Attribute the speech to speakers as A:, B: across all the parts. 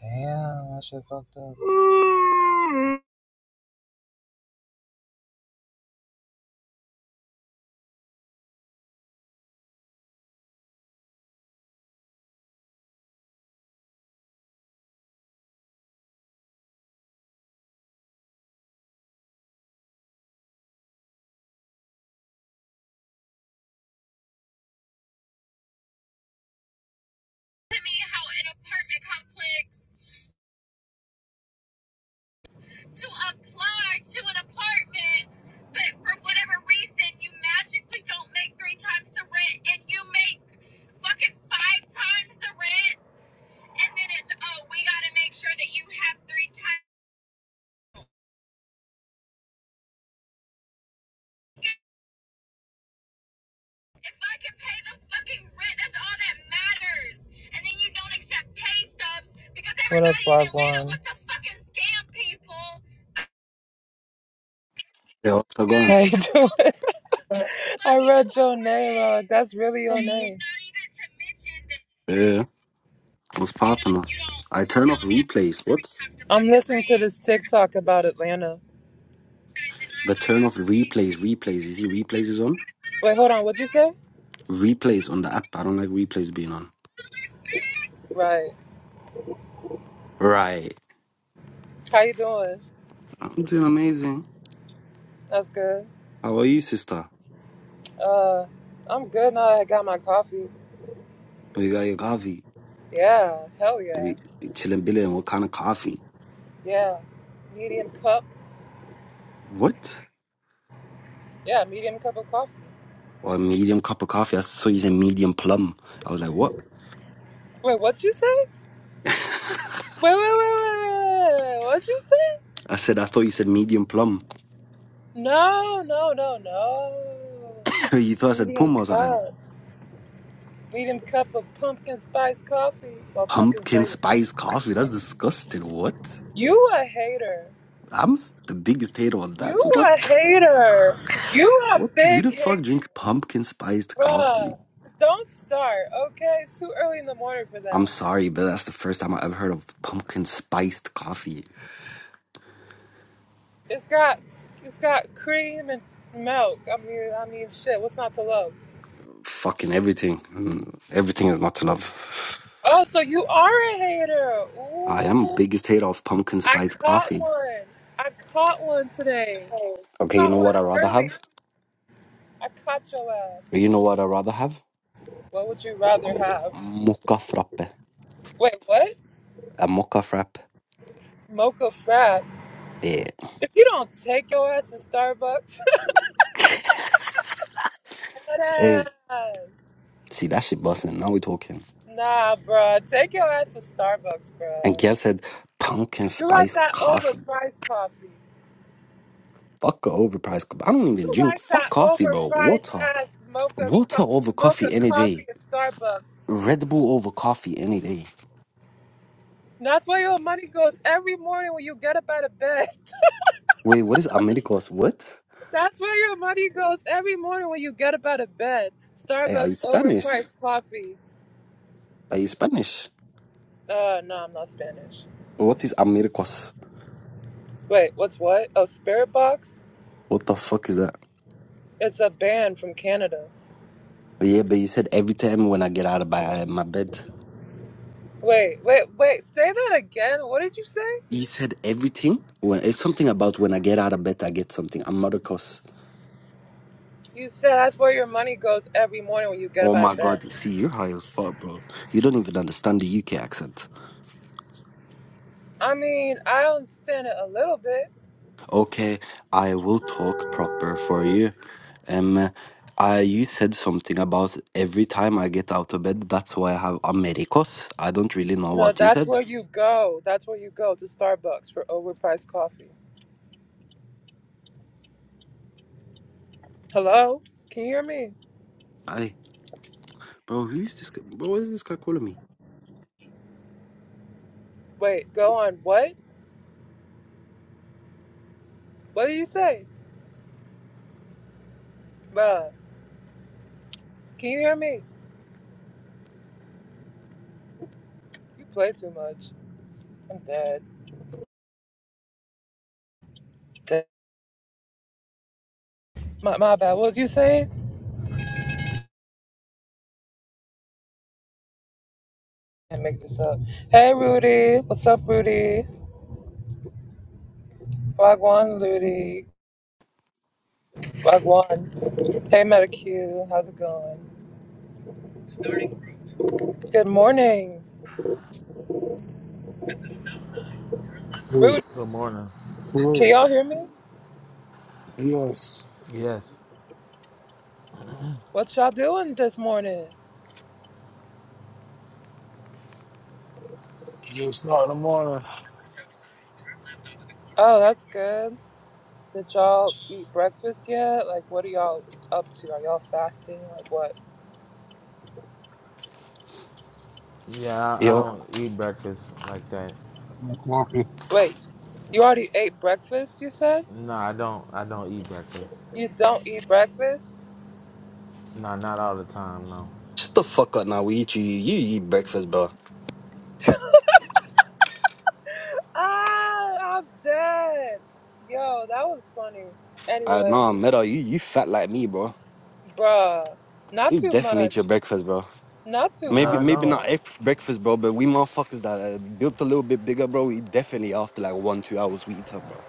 A: Damn, that shit fucked up. to me how an apartment complex to apply to an apartment, but for whatever reason, you magically don't make three times the rent and you make fucking five times the rent. And then it's, oh, we gotta make sure that you have three times. If I can pay the fucking rent, that's all that matters. And then you don't accept pay stubs because What up, everybody in Atlanta wants to fucking scam people.
B: They also
A: How
B: gone.
A: you Okay? doing? I read your name out. That's really your name.
B: Yeah, what's popping I turn off replays. What?
A: I'm listening to this TikTok about Atlanta.
B: But turn off replays. Replays. You see, replays is on.
A: Wait, hold on. What'd you say?
B: Replays on the app. I don't like replays being on.
A: Right.
B: Right.
A: How you doing?
B: I'm doing amazing.
A: That's good.
B: How are you, sister?
A: Uh, I'm good now. that I got my coffee.
B: You got your coffee?
A: Yeah. Hell yeah.
B: You you chilling, billing. What kind of coffee?
A: Yeah. Medium cup.
B: What?
A: Yeah, medium cup of coffee.
B: Or a medium cup of coffee. I saw you said medium plum. I was like, what?
A: Wait, what'd you say? Wait, wait, wait, wait, wait. wait. What'd you say?
B: I said, I thought you said medium plum.
A: No, no, no, no.
B: you thought I said
A: Medium
B: puma or something.
A: cup. Medium cup of pumpkin spice coffee or pumpkin
B: Pumpkin
A: flavored coffee.
B: spice coffee. That's disgusting. What?
A: You a hater.
B: I'm the biggest hater on
A: You
B: that.
A: a
B: What?
A: hater. You a
B: What? Who
A: big
B: the
A: hater.
B: fuck drink pumpkin spiced coffee?
A: Bruh. Don't start, okay? It's too early in the morning for
B: I'm
A: that.
B: sorry, but that's the first time I ever heard of pumpkin spiced coffee.
A: It's got it's got cream and milk. I mean I mean shit, what's not to love?
B: Fucking everything. Mm, Everything is not to love.
A: Oh, so you are a hater.
B: I am
A: Ooh.
B: biggest hater of pumpkin
A: I
B: spiced
A: caught
B: coffee.
A: one. I caught one today.
B: Okay, you
A: Caught
B: know
A: one
B: what i rather
A: early.
B: have?
A: I caught your ass.
B: You know what i rather have?
A: What would you rather have?
B: Mocha frappe.
A: Wait, what?
B: A mocha frappe.
A: Mocha frat.
B: Yeah.
A: If you don't take your ass to Starbucks,
B: Hey,
A: Deadass.
B: see, that shit busting. Now we talking.
A: Nah, bruh. Take your ass to Starbucks,
B: And
A: bruh.
B: Gail said pumpkin
A: You like
B: spice
A: that
B: coffee.
A: overpriced coffee.
B: Fuck a overpriced cup. I don't
A: You
B: even drink.
A: like
B: Fuck
A: that
B: coffee, bro.
A: overpriced
B: Water.
A: ass mocha co-
B: Water over
A: mocha
B: coffee any
A: coffee
B: day.
A: at Starbucks.
B: Red Bull over coffee any day.
A: And that's where your money goes every morning when you get up out of bed.
B: Wait, what is Americos? What?
A: That's where your money goes every morning when you get up out of bed.
B: Hey, are
A: Starbucks
B: you Spanish?
A: overpriced coffee.
B: Are you Spanish?
A: Uh, no, I'm not Spanish.
B: What is Americos?
A: Wait, what's what? Oh, Spirit Box?
B: What the fuck is that?
A: It's a band from Canada.
B: Yeah, but you said every time when I get out of my, my bed.
A: Wait, wait, wait. Say that again. What did you say?
B: You said everything? When It's something about when I get out of bed, I get something. Americos.
A: You said that's where your money goes every morning when you get
B: Oh
A: up out
B: my
A: of
B: god.
A: bed.
B: See, you're high as fuck, bro. You don't even understand the UK accent.
A: I mean, I understand it a little bit.
B: Okay, I will talk proper for you. Um, I, you said something about every time I get out of bed, that's why I have Americos. I don't really know
A: No,
B: what you
A: that's
B: said.
A: where you go. That's where you go to Starbucks for overpriced coffee. Hello? Can you hear me?
B: I, bro, who's this guy? Bro, what is this guy calling me?
A: Wait, go on. What? What do you say? Bruh. Can you hear me? You play too much. I'm dead. Dead. My, my bad. What was you saying? I can't make this up. Hey, Rudy. What's up, Rudy? Wagwan, Rudy. Wagwan. Hey, Metacue. How's it going? Good morning.
C: Yes,
A: Rudy,
D: Good morning.
C: yes,
A: can y'all hear me?
C: yes.
D: Yes.
A: What y'all doing this morning?
C: You Start in the
A: Oh, that's good. Did y'all eat breakfast yet? Like, what are y'all up to? Are y'all fasting? Like, what?
D: Yeah, I, I
B: Yo,
D: don't eat breakfast like that.
C: morning.
A: Wait, you already ate breakfast, you said?
D: No, I don't. I don't eat breakfast.
A: You don't eat breakfast?
D: No, not all the time. No.
B: shut the fuck up now. We eat you. You eat breakfast, bro.
A: Ah, I'm dead. Yo, that was funny.
B: I
A: Anyway,
B: know, Meta, you, you fat like me, bro.
A: bruh, not
B: You
A: too
B: definitely
A: much.
B: eat your breakfast, bro.
A: Not too
D: No,
B: Maybe
D: I
A: much,
B: maybe
D: don't.
B: not
A: bro.
B: ex- breakfast, bro, but we motherfuckers that uh, built a little bit bigger, bro, we definitely after like one, two hours, we eat up, bro.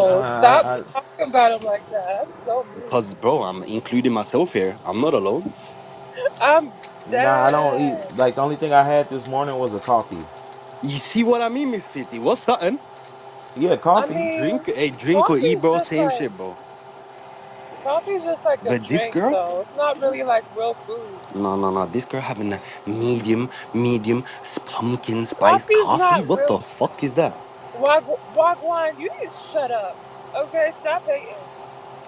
D: No,
A: stop
D: I, I.
A: talking about him like that. That's so mean.
B: Because, bro, I'm including myself here. I'm not alone.
A: I'm
D: No, I don't eat.
A: dead.
D: Like the only thing I had this morning was a coffee.
B: You see what I mean, Miss 50? What's something?
D: Yeah,
A: I
D: coffee.
B: Drink,
A: mean,
B: hey, drink or
A: coffee
B: eat,
A: is
B: bro.
A: just
B: Same
A: like
B: shit, bro.
A: coffee is just like a
B: But this
A: drink,
B: girl,
A: though. It's not really like real food.
B: no, no, no. This girl having a medium, medium s- pumpkin spiced
A: Coffee's
B: coffee.
A: not
B: What the
A: real.
B: fuck is that?
A: Wag- Wagwan, you need to shut up. Okay, stop hating.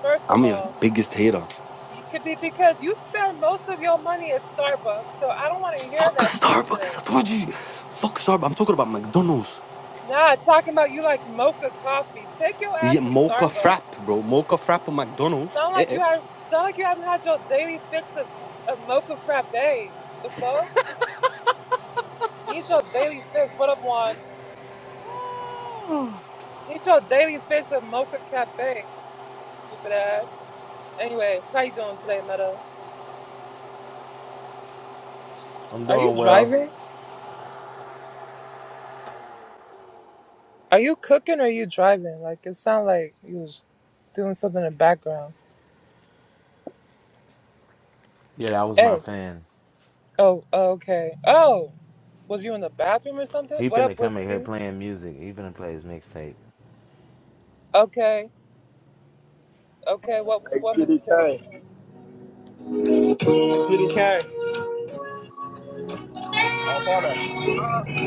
A: First of
B: I'm your
A: all.
B: biggest hater.
A: It could be because you spend most of your money at Starbucks, so I don't want to hear
B: Fuck a
A: that shit
B: Starbucks. I
A: today.
B: told you. Fuck Starbucks. I'm talking about McDonald's.
A: Nah, talking about you like mocha coffee. Take your
B: Yeah,
A: ass to
B: mocha frap,
A: Starbucks.
B: bro. Mocha frap at McDonald's.
A: Sound
B: Eh,
A: like
B: eh.
A: you have sound like you haven't had your daily fix of, of mocha frappe. The fuck? Need your daily fix. What up, Juan? Need your daily fix of mocha cafe. Stupid ass. Anyway, how you doing today, Meta?
D: I'm
A: Are you
D: doing well.
A: driving? Are you cooking or are you driving? Like it sound like you was doing something in the background.
D: Yeah, that was my
A: Hey.
D: fan.
A: Oh, okay. Oh, was you in the bathroom or something?
D: He
A: What up,
D: finna come in here
A: Blitzky?
D: playing music. He finna play his mixtape.
A: Okay, okay. What
E: Hey,
A: what mixtape?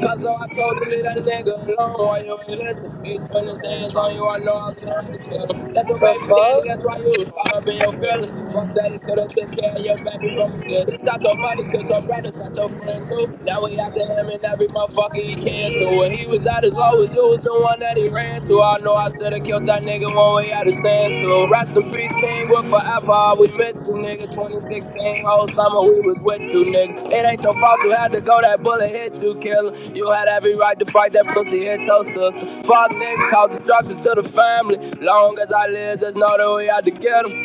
E: Cause I told you leave that nigga alone while you ain't listen. He's putting his hands on you, I know I was gonna kill him. That's your
A: The
E: baby daddy, that's
A: bug?
E: why you was caught up in your feelings. Fuck that, he could've took care of your baby from a deal. He shot your mother, killed your brother, shot your friend too. Now we after him and every motherfucker he can. So when he was at his lowest, you was the one that he ran to. to all know I should've killed that nigga one way out of ten. So rest in peace, king, what forever I miss you, nigga. 2016, whole summer we was with you, nigga. It ain't your fault you had to go, that bullet hit you, killer. You had every right to fight that pussy, hit your sister. Fuck niggas, cause destruction to the family. Long as I live, just know that we had to get 'em.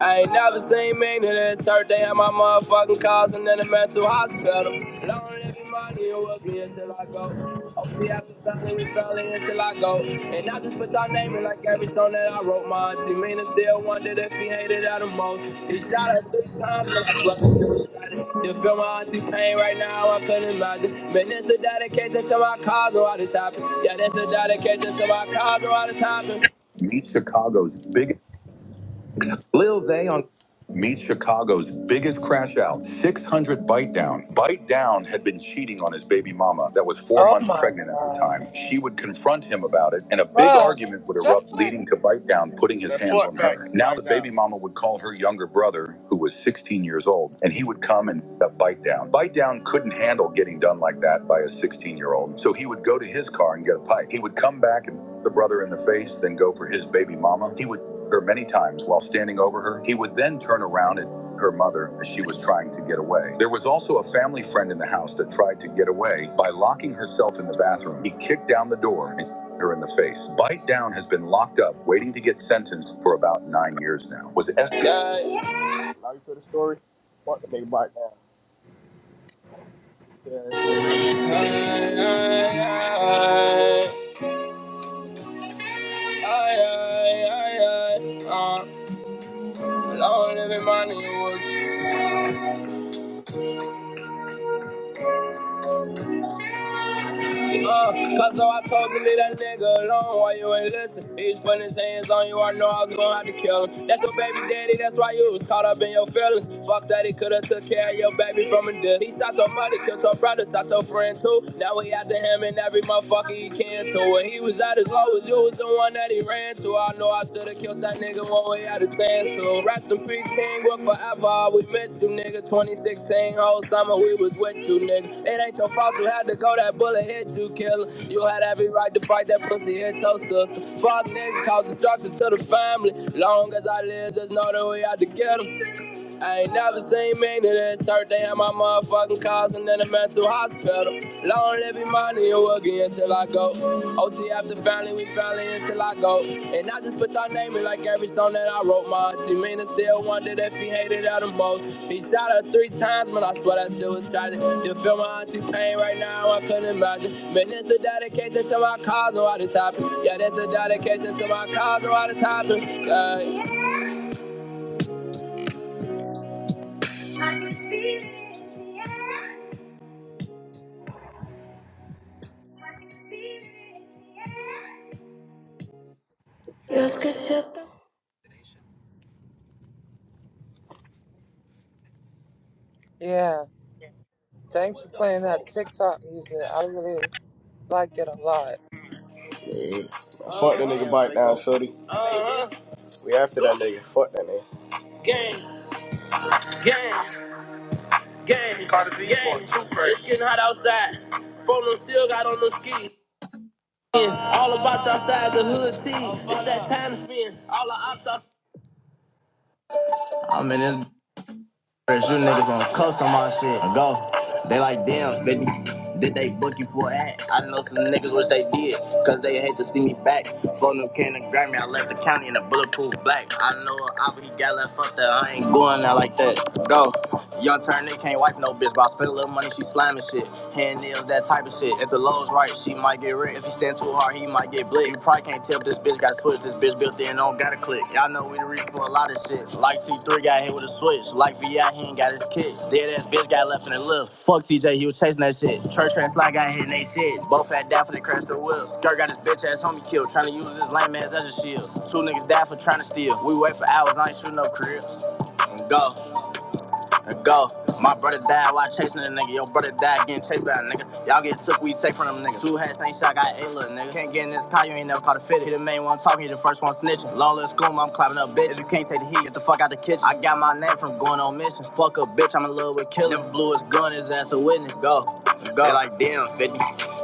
E: I ain't never seen me to this her day at my motherfucking cousin in the mental hospital. Long living money and working until I go. OT after Sunday, we felling until I go. And I just put y'all name in like every song that I wrote. My auntie Mina still wondered if he hated her the most. He shot her three times, but I swear I still shot it. You feel my auntie pain right now, I couldn't imagine. Man, it's a dedication to my cause, why this happened. Yeah, this a dedication to my cause, why this happened. Meet Chicago's biggest. Lil Zay on Meet Chicago's biggest crash out, 600 Bite Down. Bite Down had been cheating on his baby mama that was four
A: Oh
E: months
A: my
E: pregnant at the
A: god,
E: time. She would confront him about it, and a big
A: bruh.
E: argument would
A: Just
E: erupt,
A: play
E: leading to
A: music.
E: Bite Down putting his That's hands what, on her. right, Now right the Down. baby mama would call her younger brother, who was 16 years old, and he would come and f- up Bite Down. Bite Down couldn't handle getting done like that by a 16 year old, so he would go to his car and get a pipe. He would come back and the brother in the face, then go for his baby mama. He would her many times while standing over her. He would then turn around at her mother as she was trying to get away. There was also a family friend in the house that tried to get away by locking herself in the bathroom. He kicked down the door and her in the face. Bite Down has been locked up, waiting to get sentenced for about nine years now. Was it? God. Now you feel the story? Fuck the nigga Bite Down. Goofy ass nigga. Aye, aye, aye, aye, aye, aye. Uh, I don't live in my neighborhood. Uh, cause so I told you leave that nigga alone while you ain't listen. He's putting his hands on you, I know I was gonna have to kill him. That's your baby daddy, that's why you was caught up in your feelings. Fuck that, he could've took care of your baby from a distance. He shot your mother, killed your brother, shot your friend too. Now he out to him and every motherfucker he can too. So when he was at his lowest, you was the one that he ran to. I know I should've killed that nigga one way out of ten. So rest in peace, King, what forever. We miss you, nigga. 2016, whole summer we was with you, nigga. It ain't your fault you had to go. That bullet hit you, killer. You had every right to fight that pussy hit your sister. Fuck niggas, cause destruction to the family. Long as I live, just know that we had to get 'em. I ain't never seen me to this hurt. They had my motherfucking cousin in a mental hospital. Long live Emmanuel again till I go. OT after family, we family until I go. And I just put your name in like every song that I wrote. My auntie Mina still wondered if he hated her the most. He shot her three times, man, I swear that shit was tragic. You feel my auntie pain right now, I couldn't imagine. Man, it's a dedication to my cousin, why this happened? Yeah, this a dedication to my cousin, why this happened? Yeah.
A: Yeah. Thanks for playing that TikTok music. I really like it a lot.
E: Hey, fuck that nigga uh bike down, shorty. Uh-huh. We after that nigga. Fuck that nigga. Gang, gang, gang, Carter B gang. for It's getting hot outside. Phone still got on the ski. All the box outside the hood tee. It's that time to spend. All the ops outside. I'm in this you niggas on coast on my shit. I go. They like, damn, baby. Did they book you for an act? I know some niggas wish they did, cause they hate to see me back. Phone them can and grab me, I left the county in a bulletproof black. I know a oppa, he got left up there, I ain't going out like that. Go. Young turn, they can't wipe no bitch. But I spend a little money, she slamming shit. Hand nails, that type of shit. If the low's right, she might get ripped. If he stand too hard, he might get blicked. You probably can't tell if this bitch got switched. This bitch built in, don't gotta click. Y'all know we the reason for a lot of shit. Like T3 got hit with a switch. Like VI, he ain't got his kick. Dead ass bitch got left in the lift. Fuck TJ, he was chasing that shit. Church and Sly got hit in they shit. Both had died for the crash the whip. Skirt got his bitch ass homie killed. Trying to use his lame ass as a shield. Two niggas died for trying to steal. We wait for hours, I ain't shooting no cribs. Go go. My brother died while chasing a nigga. Your brother died getting chased by a nigga. Y'all get took, we take from them niggas. Two hats ain't shot, got eight little nigga. Can't get in this car, you ain't never caught a fit. He the main one talking, he the first one snitching. Lawless goon, I'm clapping up bitch. If you can't take the heat, get the fuck out the kitchen. I got my name from going on missions. Fuck a bitch, I'm in love with killing. Never blew his gun, his ass a witness. Go, go. They like damn, 50.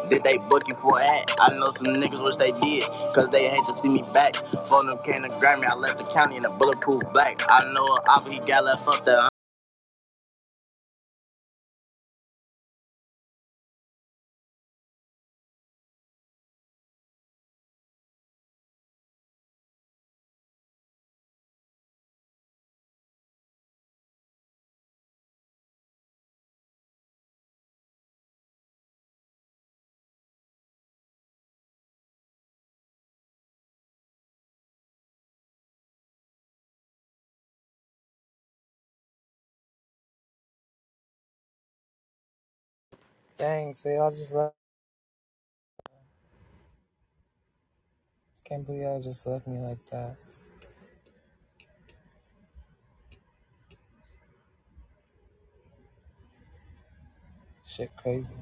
E: Did they book you for that? I know some niggas wish they did, cause they hate to see me back. Phone them came to grab me, I left the county in a bulletproof black. I know a op, he got left up there.
A: Dang, so y'all just left. Can't believe y'all just left me like that. Shit, crazy.